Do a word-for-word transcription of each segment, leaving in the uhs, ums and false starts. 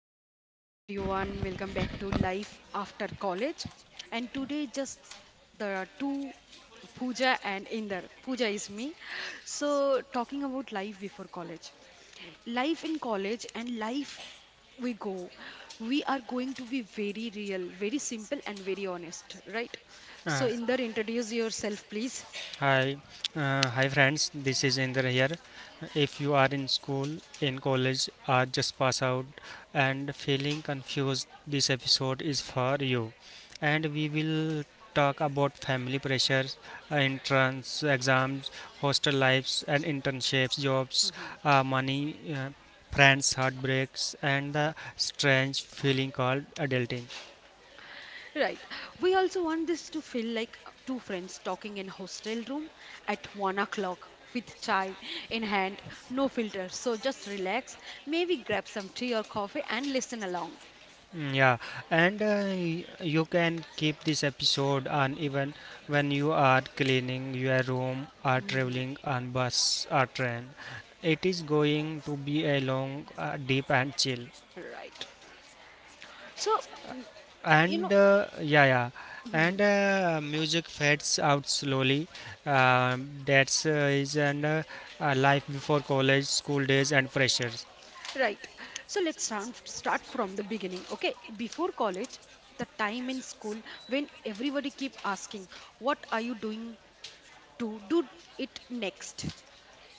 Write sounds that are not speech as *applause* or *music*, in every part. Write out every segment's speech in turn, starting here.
So, hi everyone, welcome back to Life After College. And today, just there are two Pooja and Inder. Pooja is me. So, talking about life before college, life in college, and life we go, we are going to be very real, very simple, and very honest, right? So, Uh, Inder, introduce yourself, please. hi, uh, hi friends. This is Indra here. If you are in school, in college, or just pass out and feeling confused, this episode is for you. And we will talk about family pressures, uh, entrance exams, hostel lives, and internships, jobs, uh, money, uh, friends, heartbreaks, and the strange feeling called adulting. Right. We also want this to feel like two friends talking in hostel room at one o'clock with chai in hand, no filter. So just relax, maybe grab some tea or coffee and listen along. Mm, Yeah, and uh, y- you can keep this episode on even when you are cleaning your room or hmm traveling on bus or train. It is going to be a long, uh, deep and chill. Right. So, And uh, yeah, yeah, and mhm. uh, music fades out slowly. Um that's uh, is and uh, uh, life before college, school days, and pressures. Right. So let's start start from the beginning. Okay. Before college, the time in school when everybody keep asking, "What are you doing to do it next?"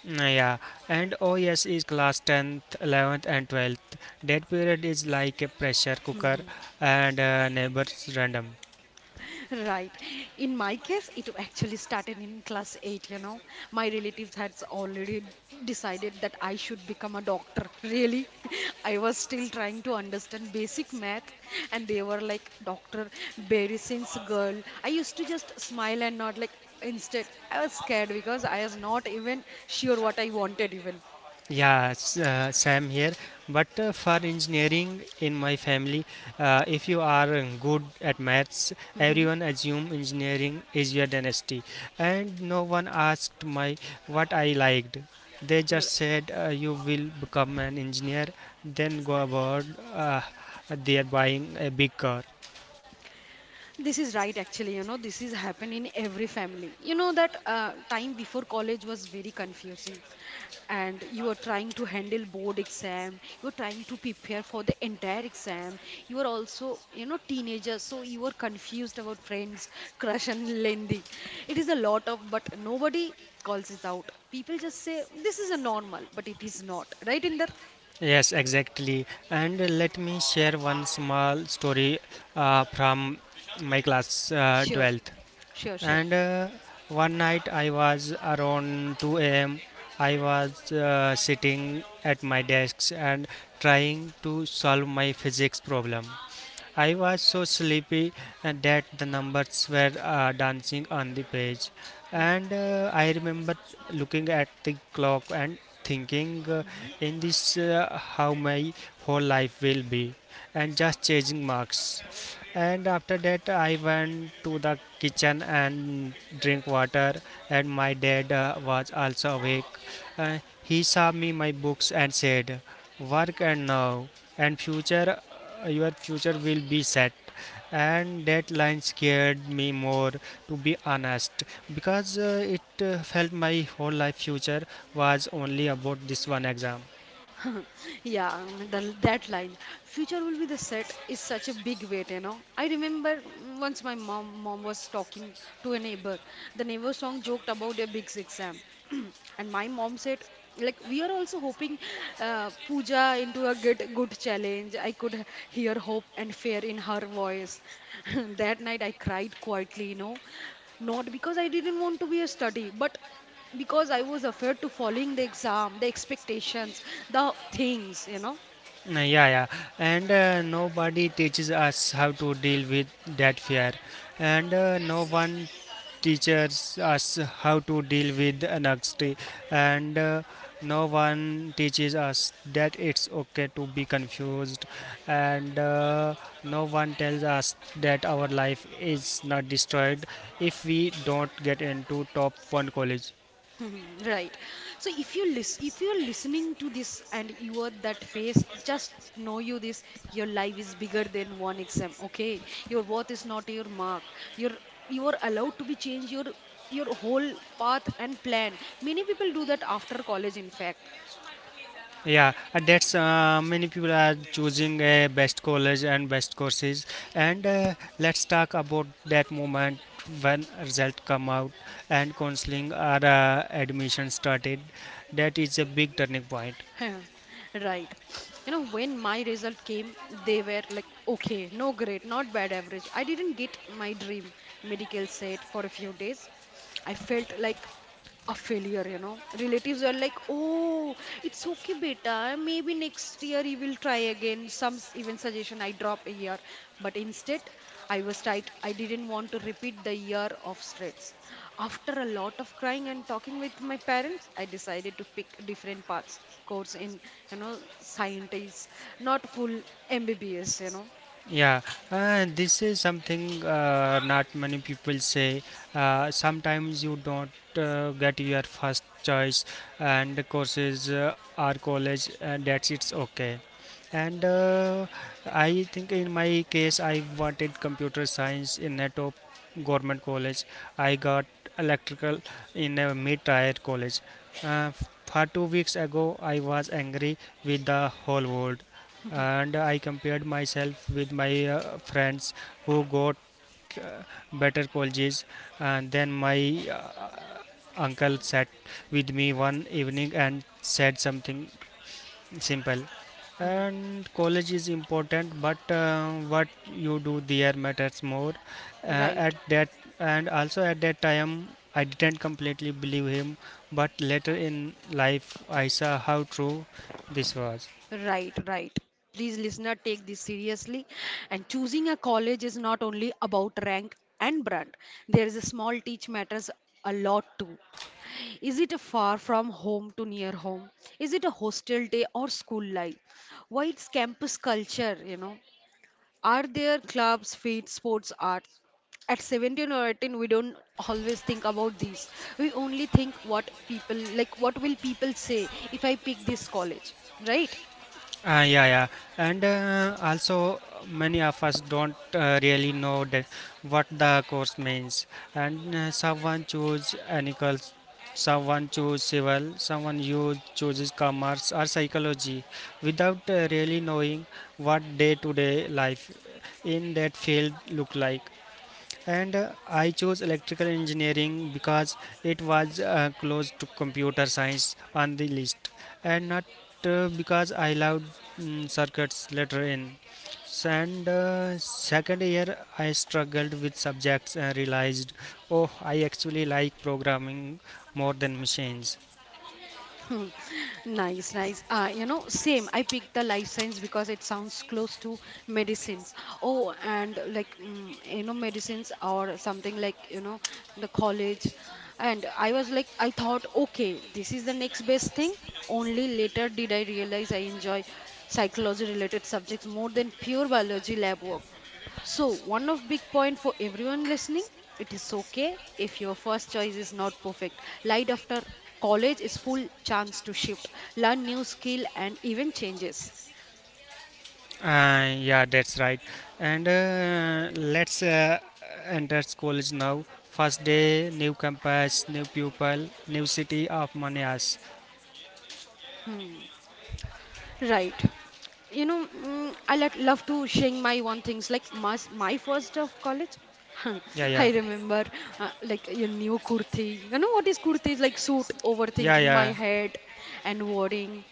Mm, Yeah, and oh yes, is class tenth, eleventh, and twelfth. That period is like a pressure cooker *laughs* and uh, neighbors random. Right. In my case, it actually started in class eight, you know. My relatives had already decided that I should become a doctor. Really? *laughs* I was still trying to understand basic math, and they were like, Doctor, very since girl. I used to just smile and nod, like, instead, I was scared because I was not even sure what I wanted, even. Yeah, s- uh, same here. But uh, for engineering in my family, uh, if you are uh, good at maths, everyone *laughs* assume engineering is your dynasty, and no one asked my what I liked. They Mhm. just said uh, you will become an engineer, then go abroad. Uh, they are buying a big car. This is right, actually. You know, this is happen in every family. You know that uh, time before college was very confusing, and you are trying to handle board exam. You are trying to prepare for the entire exam. You are also, you know, teenager, so you are confused about friends, crush, and Lendi. It is a lot of, but nobody calls it out. People just say this is a normal, but it is not. Right, Inder? Yes, exactly. And let me share one small story uh, from my class uh, Sure, twelfth. sure, sure. And uh, one night I was around two a m. I was uh, sitting at my desk and trying to solve my physics problem. I was so sleepy uh, that the numbers were uh, dancing on the page. Mm-hmm. And uh, I remember looking at the clock and thinking, uh, in this, uh, how my whole life will be, and just changing marks. And after that, I went to the kitchen and drink water. And my dad uh, was also awake. Uh, he saw me my books and said, "Work and now and future, uh, your future will be set," and that line scared me more, to be honest, because uh, it uh, felt my whole life future was only about this one exam. *laughs* Yeah, the, that line, future will be the set, is such a big weight, you know. I remember mm, once my mom mom was talking to a neighbor. The neighbor song joked about a big exam, *clears throat* and my mom said, like, we are also hoping uh, Pooja into a good good challenge. I could h- hear hope and fear in her voice. *laughs* That night I cried quietly, you know, not because I didn't want to be a study, but because I was afraid to following the exam, the expectations, the things, you know. Uh, yeah, yeah, and uh, nobody teaches us how to deal with that fear, and uh, no one teaches us how to deal with anxiety, and uh, no one teaches us that it's okay to be confused, and uh, no one tells us that our life is not destroyed if we don't get into top one college. *laughs* Right. So if you listen, if you're listening to this and you are that phase, just know you this your life is bigger than one exam. Okay, your worth is not your mark. You're you are allowed to be change your your whole path and plan. Many people do that after college, in fact. Yeah, uh, that's uh, many people are choosing uh, best college and best courses. And uh, let's talk about that moment when result come out and counseling or uh, admission started. That is a big turning point. *laughs* Right. You know, when my result came, they were like, okay, no great, not bad average. I didn't get my dream medical set for a few days. I felt like a failure, you know. Relatives were like, "Oh, it's okay, beta. Maybe next year you will try again." Some s- even suggestion I drop a year, but instead, I was tight. I didn't want to repeat the year of stress. After a lot of crying and talking with my parents, I decided to pick different paths, course in, you know, scientists, not full M B B S, you know. Yeah, uh, this is something uh, not many people say. Uh, sometimes you don't uh, get your first choice and the courses uh, or college, and that's it's okay. And uh, I think in my case I wanted computer science in a top government college. I got electrical in a mid-tier college. uh, for two weeks ago I was angry with the whole world, and I compared myself with my uh, friends who got uh, better colleges. And then my uh, uncle sat with me one evening and said something simple, Hmm. and college is important but uh, what you do there matters more. uh, at Right. that, and also at that time, I didn't completely believe him, but later in life I saw how true this was. Right, right. Please, listener, take this seriously. And choosing a college is not only about rank and brand. There is a small teach matters a lot too. Is it a far from home to near home? Is it a hostel day or school life? Why it's campus culture, you know? Are there clubs, feeds, sports, arts? At seventeen or eighteen, we don't always think about these. We only think what people, like, what will people say if I pick this college, right? Uh, yeah, yeah, and uh, also many of us don't uh, really know that what the course means. And uh, someone choose ethical, someone choose civil, someone you chooses commerce or psychology, without uh, really knowing what day-to-day life in that field look like. And uh, I chose electrical engineering because it was uh, close to computer science on the list, and not uh, because I loved mm, circuits later in S- and uh, second year I struggled with subjects and realized, oh, I actually like programming more than machines. *laughs* Hmm. Nice, nice. Uh, you know, same. I picked the life science because it sounds close to medicines. Oh, and like, mm, you know, medicines or something like, you know, the college. And I was like, I thought, okay, this is the next best thing. Only later did I realize I enjoy psychology related subjects more than pure biology lab work. So, one of big point for everyone listening, it is okay if your first choice is not perfect. Light after college is full chance to shift, learn new skill and even changes. Uh, yeah, that's right. And uh, let's uh, enter college now. First day, new campus, new pupil, new city of Manias. Hmm. Right. You know, mm, I like love to share my one things like my my first day of college. *laughs* Yeah, I yeah, remember uh, like your new kurti. You know what is kurti? It's like suit, yeah, overthinking my yeah. head and worrying.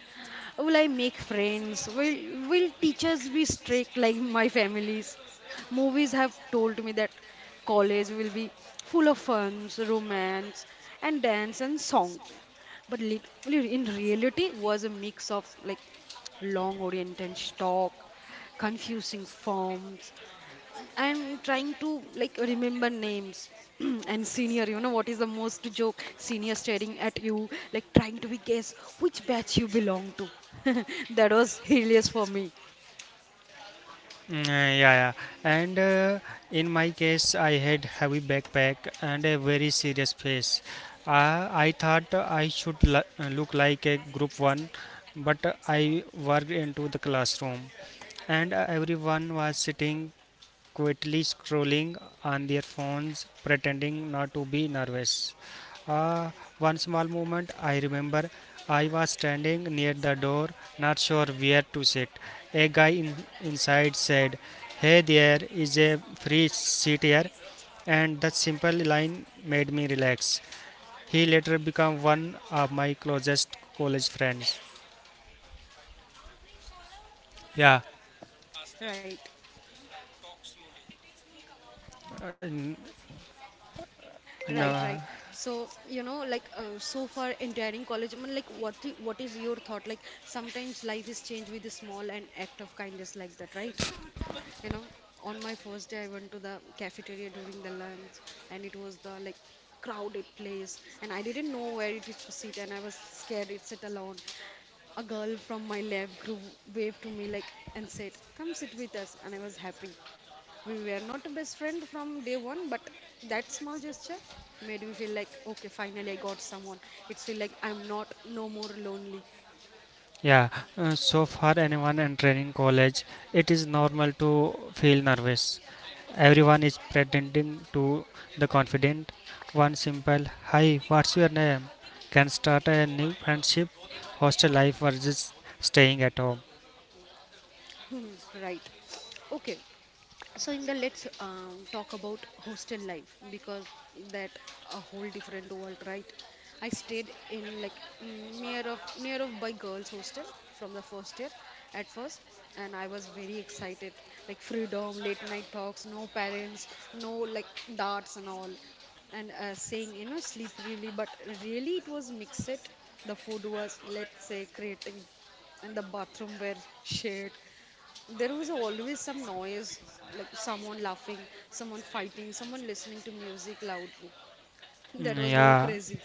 Will I make friends? Will will teachers be strict like my families? Movies have told me that college will be full of fun, romance, and dance and song but lit- in reality was a mix of like long oriented stock, confusing forms, and trying to like remember names. *clears throat* And senior, you know what is the most joke? Senior staring at you, like trying to be guess which batch you belong to. *laughs* That was hilarious for me. Mm, uh, yeah, yeah. And uh, in my case, I had heavy backpack and a very serious face. Uh, I thought I should l- uh, look like a group one, but I worked into the classroom, and everyone was sitting quietly scrolling on their phones, pretending not to be nervous. Ah, one small moment I remember, I was standing near the door, not sure where to sit. A guy in, inside said, "Hey, there is a free seat here," and that simple line made me relax. He later became one of my closest college friends. Yeah, Right. Uh, n- Right, no. right. So, you know, like uh, so far entering college, I mean, like what i- what is your thought? Like sometimes life is changed with a small and act of kindness like that, right? You know, on my first day, I went to the cafeteria during the lunch, and it was the like crowded place, and I didn't know where it is to sit, and I was scared it's sit alone. A girl from my lab group waved to me like and said, "Come sit with us," and I was happy. We were not best friend from day one, but that small gesture made me feel like okay, finally I got someone. It's feel like I'm not no more lonely. Yeah, uh, so for anyone entering college, it is normal to feel nervous. Everyone is pretending to the confident. One simple, "Hi, what's your name?" can start a new friendship. Hostel life versus staying at home. *laughs* Right. Okay. So in the let's um, talk about hostel life because that a whole different world, right? I stayed in like near of near of by girls hostel from the first year at first, and I was very excited like freedom, late night talks, no parents, no like darts and all. And uh, saying you know sleep really, but really it was mixed. The food was, let's say, creative, and the bathroom were shared. There was always some noise like someone laughing, someone fighting, someone listening to music loudly. *laughs* That Mm, was whole Yeah, crazy.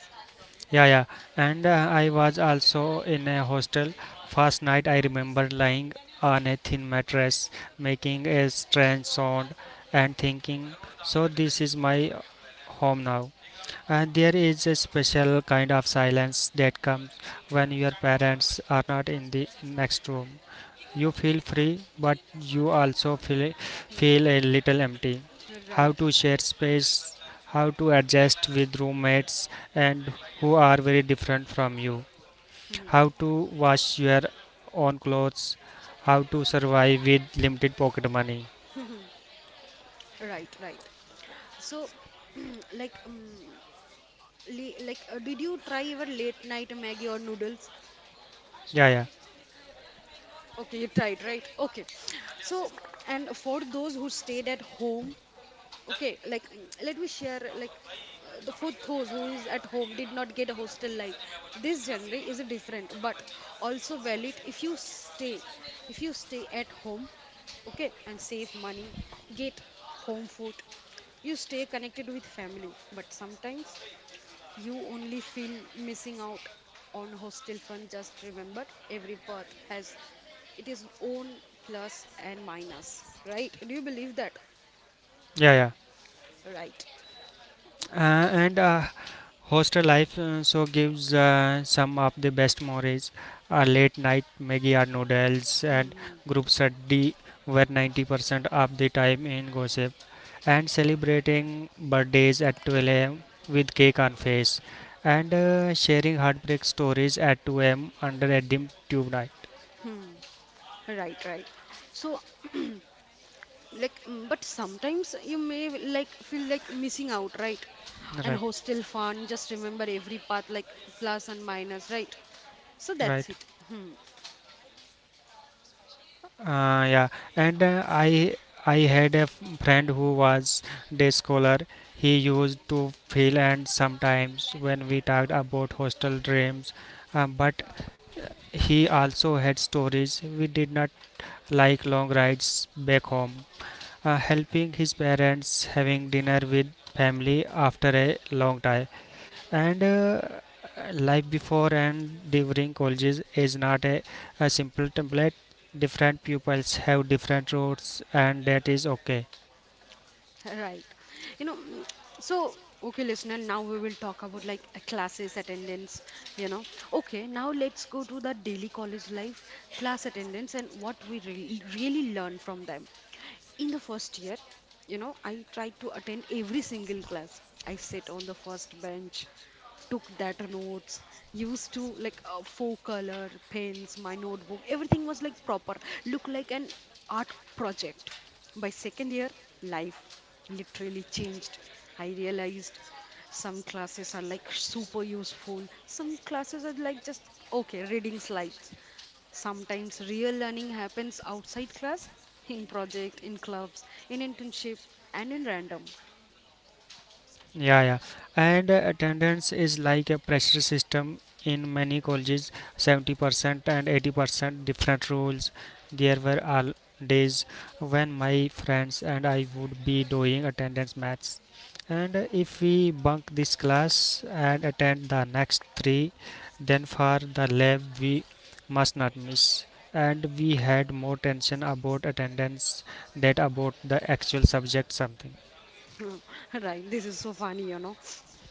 yeah, yeah. And uh, I was also in a hostel. First night, I remember lying on a thin mattress, making a strange sound, and thinking, "So this is my home now." And there is a special kind of silence that comes when your parents are not in the next room. You feel free, but you also feel, feel a little empty. How Right. to share space, how to adjust with roommates and who are very different from you, Mhm. how to wash your own clothes, how to survive with limited pocket money. Right, right. So *clears throat* like um, li- like uh, did you try your late night maggie or noodles? Yeah, yeah, Okay, you tried, right? Okay. So, and for those who stayed at home, okay, like mm, let me share like uh, the for those who is at home did not get a hostel life. This genre is different but also valid. If you stay, if you stay at home, okay, and save money, get home food. You stay connected with family, but sometimes you only feel missing out on hostel fun. Just remember every path has it is own plus and minus, right? Do you believe that? yeah, yeah. Right. Uh, and uh, hostel life uh, so gives uh, some of the best memories are late night Maggie or noodles and Hmm. group study were ninety percent of the time in gossip and celebrating birthdays at twelve a m with cake on face, and uh, sharing heartbreak stories at two a m under a dim tube night. Hmm. Right, right. So, *clears throat* like, mm, but sometimes you may like feel like missing out, right? And Right, hostel fun, just remember every path like plus and minus, right? So right. that's it. Hmm. Uh, yeah, and uh, I I had a f- friend who was day scholar. He used to feel, and sometimes when we talked about hostel dreams, um, but he also had stories. We did not like long rides back home. Uh, helping his parents, having dinner with family after a long time, and uh, life before and during colleges is not a, a simple template. Different pupils have different routes, and that is okay. Right. You know, mm, so okay, listener, now we will talk about like uh, classes attendance, you know. Okay, now let's go to the daily college life, class attendance, and what we re really learn from them. In the first year, you know, I tried to attend every single class. I sit on the first bench, took that notes, used to like uh, four color pens, my notebook, everything was like proper, look like an art project. By second year, life literally changed. I realized some classes are like super useful. Some classes are like just okay, reading slides. Sometimes real learning happens outside class, in project, in clubs, in internship, and in random. Yeah, yeah. And uh, attendance is like a pressure system in many colleges, seventy percent and eighty percent different rules. There were all days when my friends and I would be doing attendance maths. And uh, if we bunk this class and attend the next three, then for the lab we must not miss. And we had more tension about attendance than about the actual subject something. *laughs* Right, this is so funny, you know.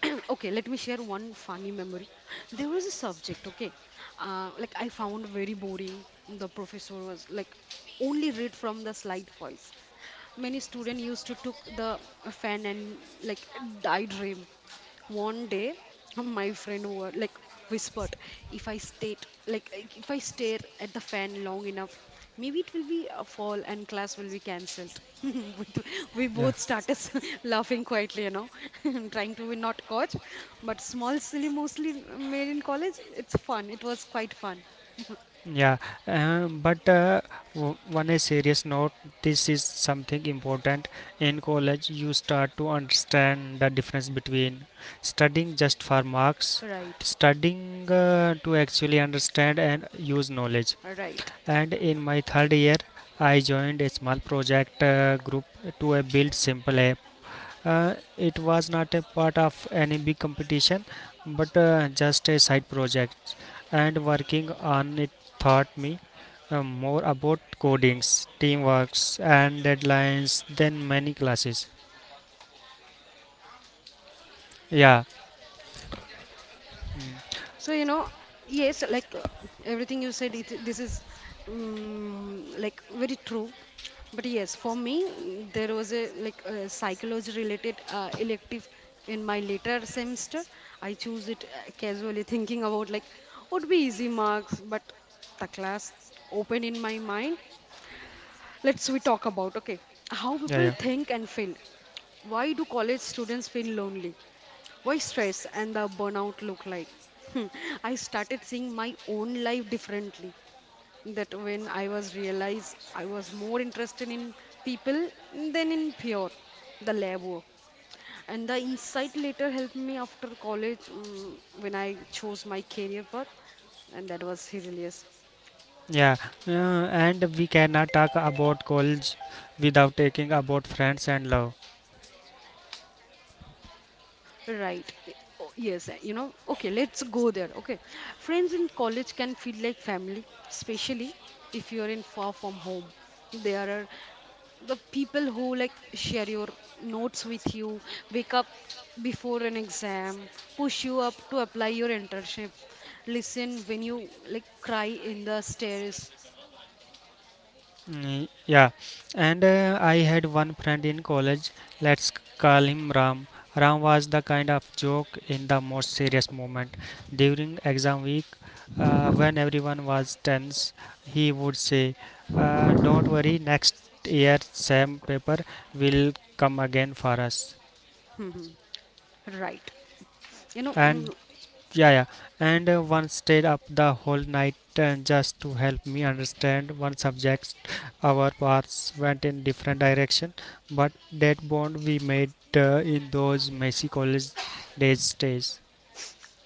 *clears throat* Okay, let me share one funny memory. There was a subject, okay, uh, like I found very boring. The professor was like only read from the slide voice. Many students used to took the fan and like daydream. One day my friend were like whispered, if I state, like if I stare at the fan long enough, maybe it will be a fall and class will be cancelled. *laughs* we we Yeah. both started *laughs* laughing quietly, you know, *laughs* and trying to be not caught, but small silly mostly made in college it's fun, it was quite fun. *laughs* Yeah, uh, but uh, w- one a serious note, this is something important. In college, you start to understand the difference between studying just for marks, Right. studying uh, to actually understand and use knowledge. Right. And in my third year, I joined a small project uh, group to uh, build simple app. Uh, it was not a part of any big competition, but uh, just a side project. And working on it taught me uh, more about codings, teamworks, and deadlines than many classes. Yeah, So, you know, yes, like uh, everything you said, it, this is um, like very true. But yes, for me, mm, there was a like a psychology related uh, elective in my later semester. I choose it uh, casually thinking about like would be easy marks, but the class opened in my mind. Let's we talk about okay how yeah, people yeah. think and feel. Why do college students feel lonely? Why stress and the burnout look like? Hmm, I started seeing my own life differently. That when I was realized I was more interested in people than in pure the lab work. And the insight later helped me after college mm when I chose my career path, and that was hilarious. Yeah, uh, and we cannot talk about college without taking about friends and love. Right. Eh, Oh, yes, eh, you know, okay, let's go there. Okay. Friends in college can feel like family, especially if you're in far from home. There are the people who like share your notes with you, wake up before an exam, push you up to apply your internship, listen when you like cry in the stairs. Mm, Yeah, and uh, I had one friend in college. Let's c- call him Ram. Ram was the kind of joke in the most serious moment. During exam week, uh, when everyone was tense, he would say, uh, "Don't worry, next year, same paper will come again for us." *laughs* Right. You know, mm, And yeah, yeah. And uh, one stayed up the whole night uh, just to help me understand one subject. Our paths went in different direction, but that bond we made uh, in those messy college days stays.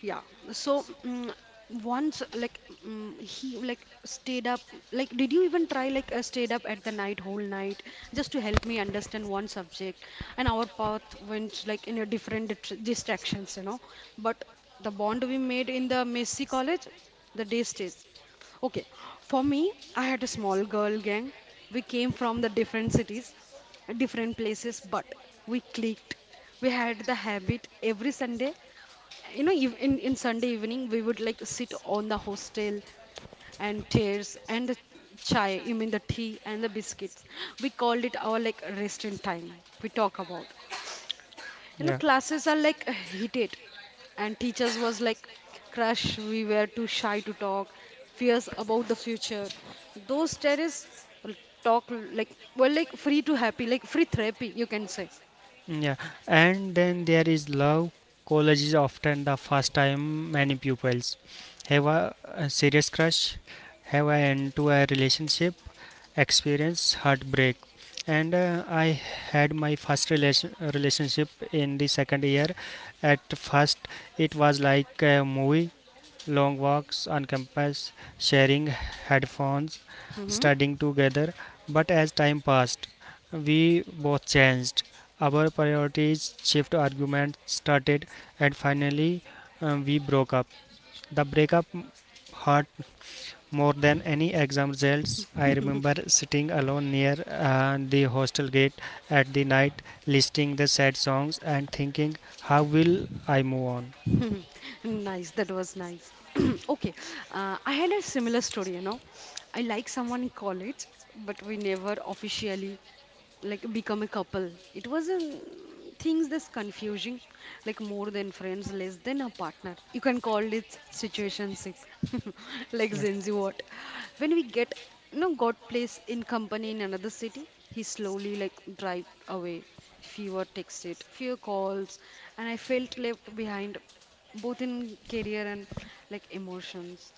Yeah. So mm, once like mm, he like stayed up like did you even try like uh, stayed up at the night whole night just to help me understand one subject, and our path went like in a different dit- distractions, you know, but the bond we made in the Messi college the day stays. Okay, for me I had a small girl gang. We came from the different cities, different places, but we clicked. We had the habit every Sunday, you know ev- in in sunday evening we would like sit on the hostel and chairs and the chai, I mean the tea and the biscuits. We called it our like rest in time. We talk about, you know, Yeah. classes are like heated and teachers was like crush we were too shy to talk, fears about the future. Those terrorists talk like were like free to happy, like free therapy you can say. Mm, yeah. And then there is love. College is often the first time many pupils have a, a serious crush, have an end to a relationship, experience heartbreak. And uh, I had my first relation, relationship in the second year. At first it was like a movie, long walks on campus, sharing headphones, Hmm. studying together, but as time passed we both changed, our priorities shift, arguments started, and finally um, we broke up. The breakup hurt more than any exam results. I remember sitting alone near uh, the hostel gate at the night, listening the sad songs and thinking, how will I move on? *laughs* Nice, that was nice. *clears throat* Okay, uh, I had a similar story, you know. I like someone in college, but we never officially like become a couple. It was a mm, things that's confusing, like more than friends less than a partner, you can call it situationship. *laughs* Like Yeah, zenzi what when we get, you know, got place in company in another city, he slowly like drive away. Fewer texted, fewer calls, and I felt left behind both in career and like emotions.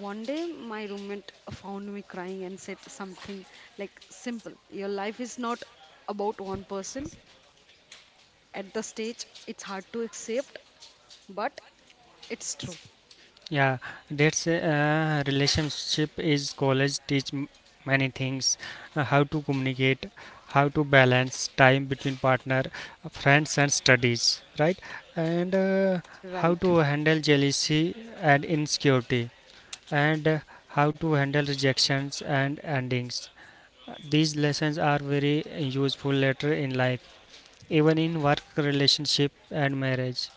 One day, my roommate found me crying and said something like, "Simple, your life is not about one person." At the stage, it's hard to accept, but it's true, yeah, that's uh, relationship is college teach m- many things, uh, how to communicate, how to balance time between partner, uh, friends and studies, right? And uh, how right? to handle jealousy and insecurity, and how to handle rejections and endings. These lessons are very useful later in life, even in work, relationship, and marriage.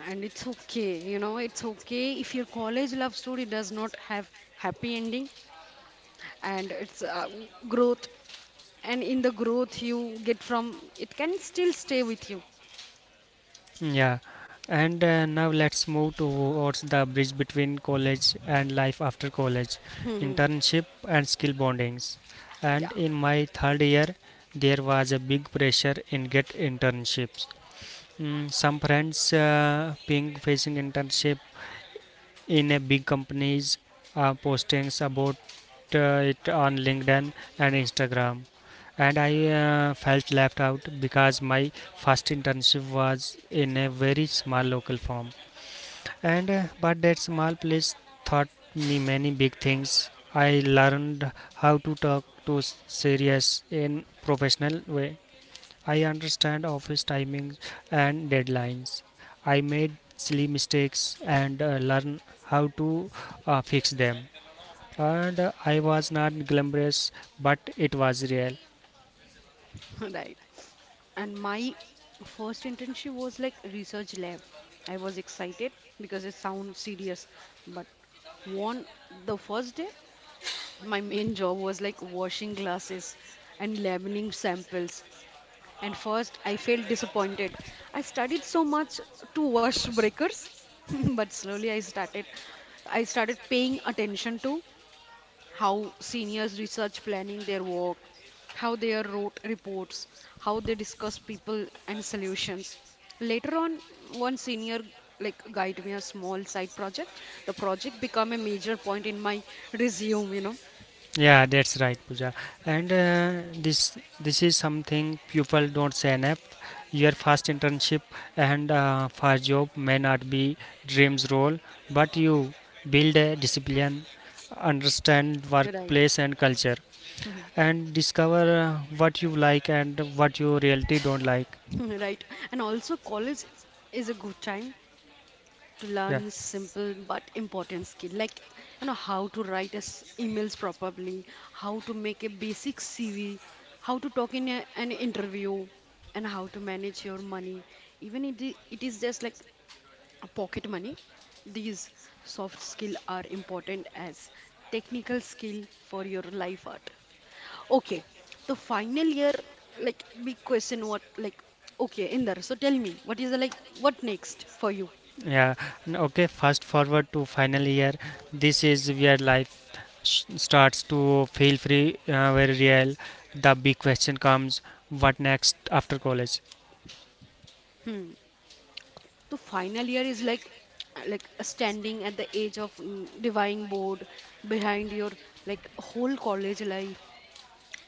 And it's okay, you know, it's okay if your college love story does not have happy ending, and it's uh, growth, and in the growth you get from it can still stay with you. Yeah. And uh, now let's move towards the bridge between college and life after college, *laughs* internship and skill bondings. And Yeah. in my third year, there was a big pressure in get internships. Mm, some friends uh, being facing internship in a big companies, uh, postings about uh, it on LinkedIn and Instagram, and I uh, felt left out because my first internship was in a very small local firm. And uh, but that small place taught me many big things. I learned how to talk to serious in professional way. I understand office timings and deadlines. I made silly mistakes and uh, learn how to uh, fix them. And uh, I was not glamorous, but it was real. *laughs* Right. And my first internship was like research lab. I was excited because it sounds serious, but one the first day, my main job was like washing glasses and laminating samples. And first, I felt disappointed. I studied so much to wash breakers, *laughs* but slowly I started I started paying attention to how seniors research planning their work, how they are wrote reports, how they discuss people and solutions. Later on, one senior like guide me a small side project. The project become a major point in my resume, you know. Yeah, that's right, Pooja. And uh, this this is something people don't sign up. Your first internship and uh, first job may not be dreams role, but you build a discipline, understand Right. workplace and culture. And discover uh, what you like and what you reality don't like. *laughs* Right. And also college is a good time to learn Yeah, simple but important skill like, you know, how to write as emails properly, how to make a basic C V, how to talk in a, an interview, and how to manage your money. Even if it, it is just like a pocket money. These soft skill are important as technical skill for your life art. Okay, the final year, like big question, what like okay, Inder, so tell me, what is the like what next for you? yeah. N- okay, fast forward to final year. This is where life sh- starts to feel free, uh, very real. The big question comes, what next after college? Hmm. To final year is like like standing at the edge of mm, dividing board, behind your like whole college life,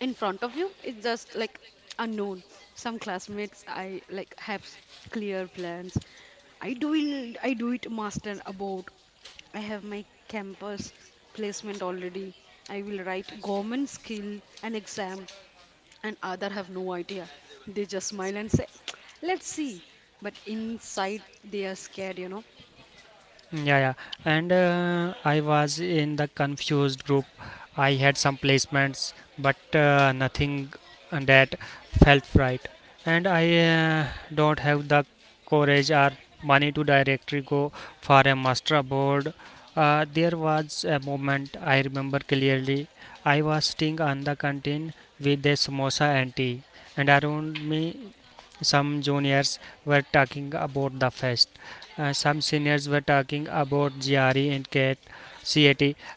in front of you it's just like unknown. Some classmates I like have s- clear plans. i do it. I do it master about, I have my campus placement already, I will write government skill and exam, and other have no idea. They just smile and say let's see, but inside they are scared, you know. *laughs* Yeah, yeah. And uh, I was in the confused group. I had some placements, but uh, nothing that felt right. And I uh, don't have the courage or money to directly go for a master abroad. Uh, there was a moment I remember clearly. I was sitting on the canteen with a samosa auntie, and around me some juniors were talking about the fest, uh, some seniors were talking about G R E and CAT,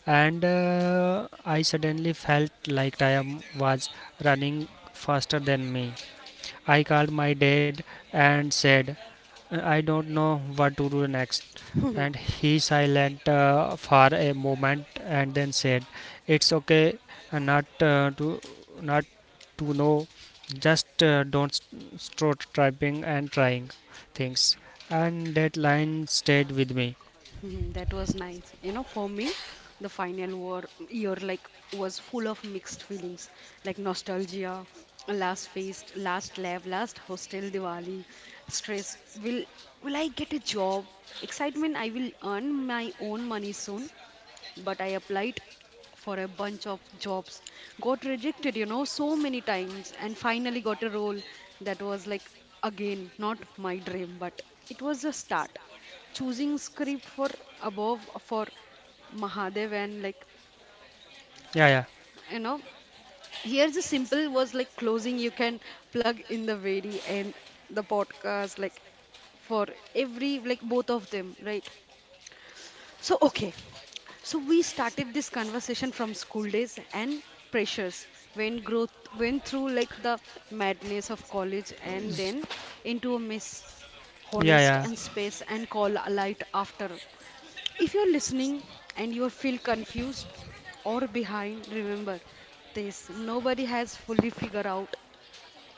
and uh, I suddenly felt like time was running faster than me. I called my dad and said, uh, "I don't know what to do next." And he silent uh, for a moment, and then said, "It's okay, uh, not uh, to not to know. Just uh, don't st- start typing and trying things." And that line stayed with me. Mhm, that was nice, you know. For me the final war year like was full of mixed feelings, like nostalgia, last feast last lab last hostel diwali, stress, will will I get a job, excitement I will earn my own money soon. But I applied for a bunch of jobs, got rejected, you know, so many times, and finally got a role that was like, again, not my dream, but it was a start. Choosing script for above for Mahadev and like, Yeah, yeah, you know, here's a simple was like closing you can plug in the very end the podcast like for every like both of them, right? So, okay. So, we started this conversation from school days and pressures when growth went through like the madness of college and then into a mess, yeah, honest yeah. and space and call a light after. If you're listening and you feel confused or behind, remember this nobody has fully figured out,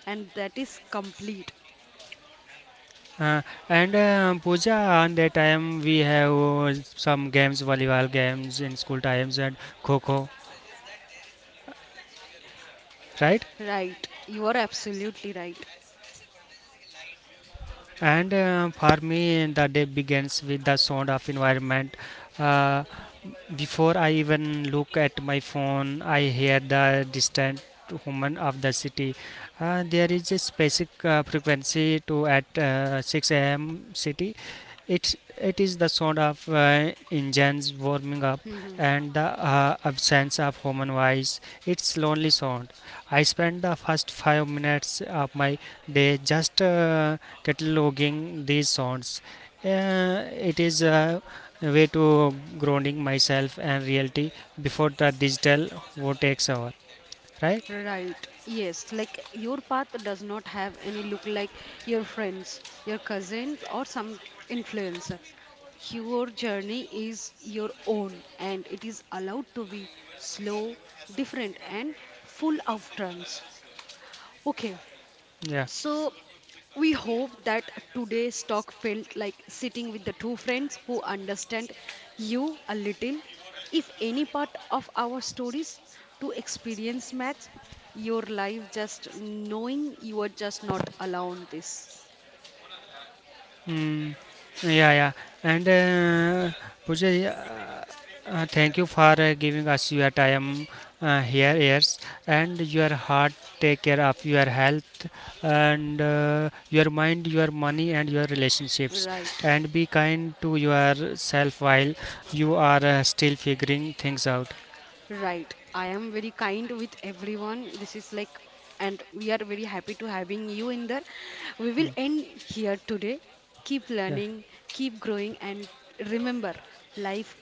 and that is complete. Uh, and uh, Pooja, on that time we have uh, some games, volleyball games in school times and kho kho, right? Right. You are absolutely right. And uh, for me the day begins with the sound of environment. uh, Before I even look at my phone, I hear the distant woman of the city. Uh, there is a specific uh, frequency to at uh, six a m city. It's it is the sound of uh, engines warming up *laughs* and the uh, absence of human voice. It's lonely sound. I spend the first five minutes of my day just uh, cataloging these sounds. Uh, it is uh, way to grounding myself and reality before the digital world takes over. Right. Right. Yes. Like your path does not have any look like your friends, your cousins, or some influencer. Your journey is your own and it is allowed to be slow, different, and full of turns. Okay. Yeah. So, we hope that today's talk felt like sitting with the two friends who understand you a little. If any part of our stories to experience match your life, just knowing you are just not alone. This mm, yeah, yeah, and uh, Pooja, yeah, uh, thank you for uh, giving us your time, uh, here ears and your heart. Take care of your health and uh, your mind, your money and your relationships, right, and be kind to yourself while you are uh, still figuring things out. right. I am very kind with everyone. This is like, and we are very happy to having you in there. We will end here today. Keep Yeah. learning, keep growing, and remember, life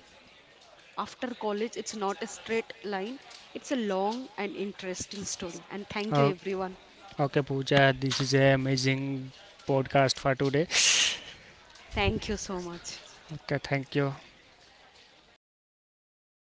after college it's not a straight line, it's a long and interesting story, and thank you Oh, everyone. okay, Pooja, this is an amazing podcast for today. Thank you so much. Okay, thank you.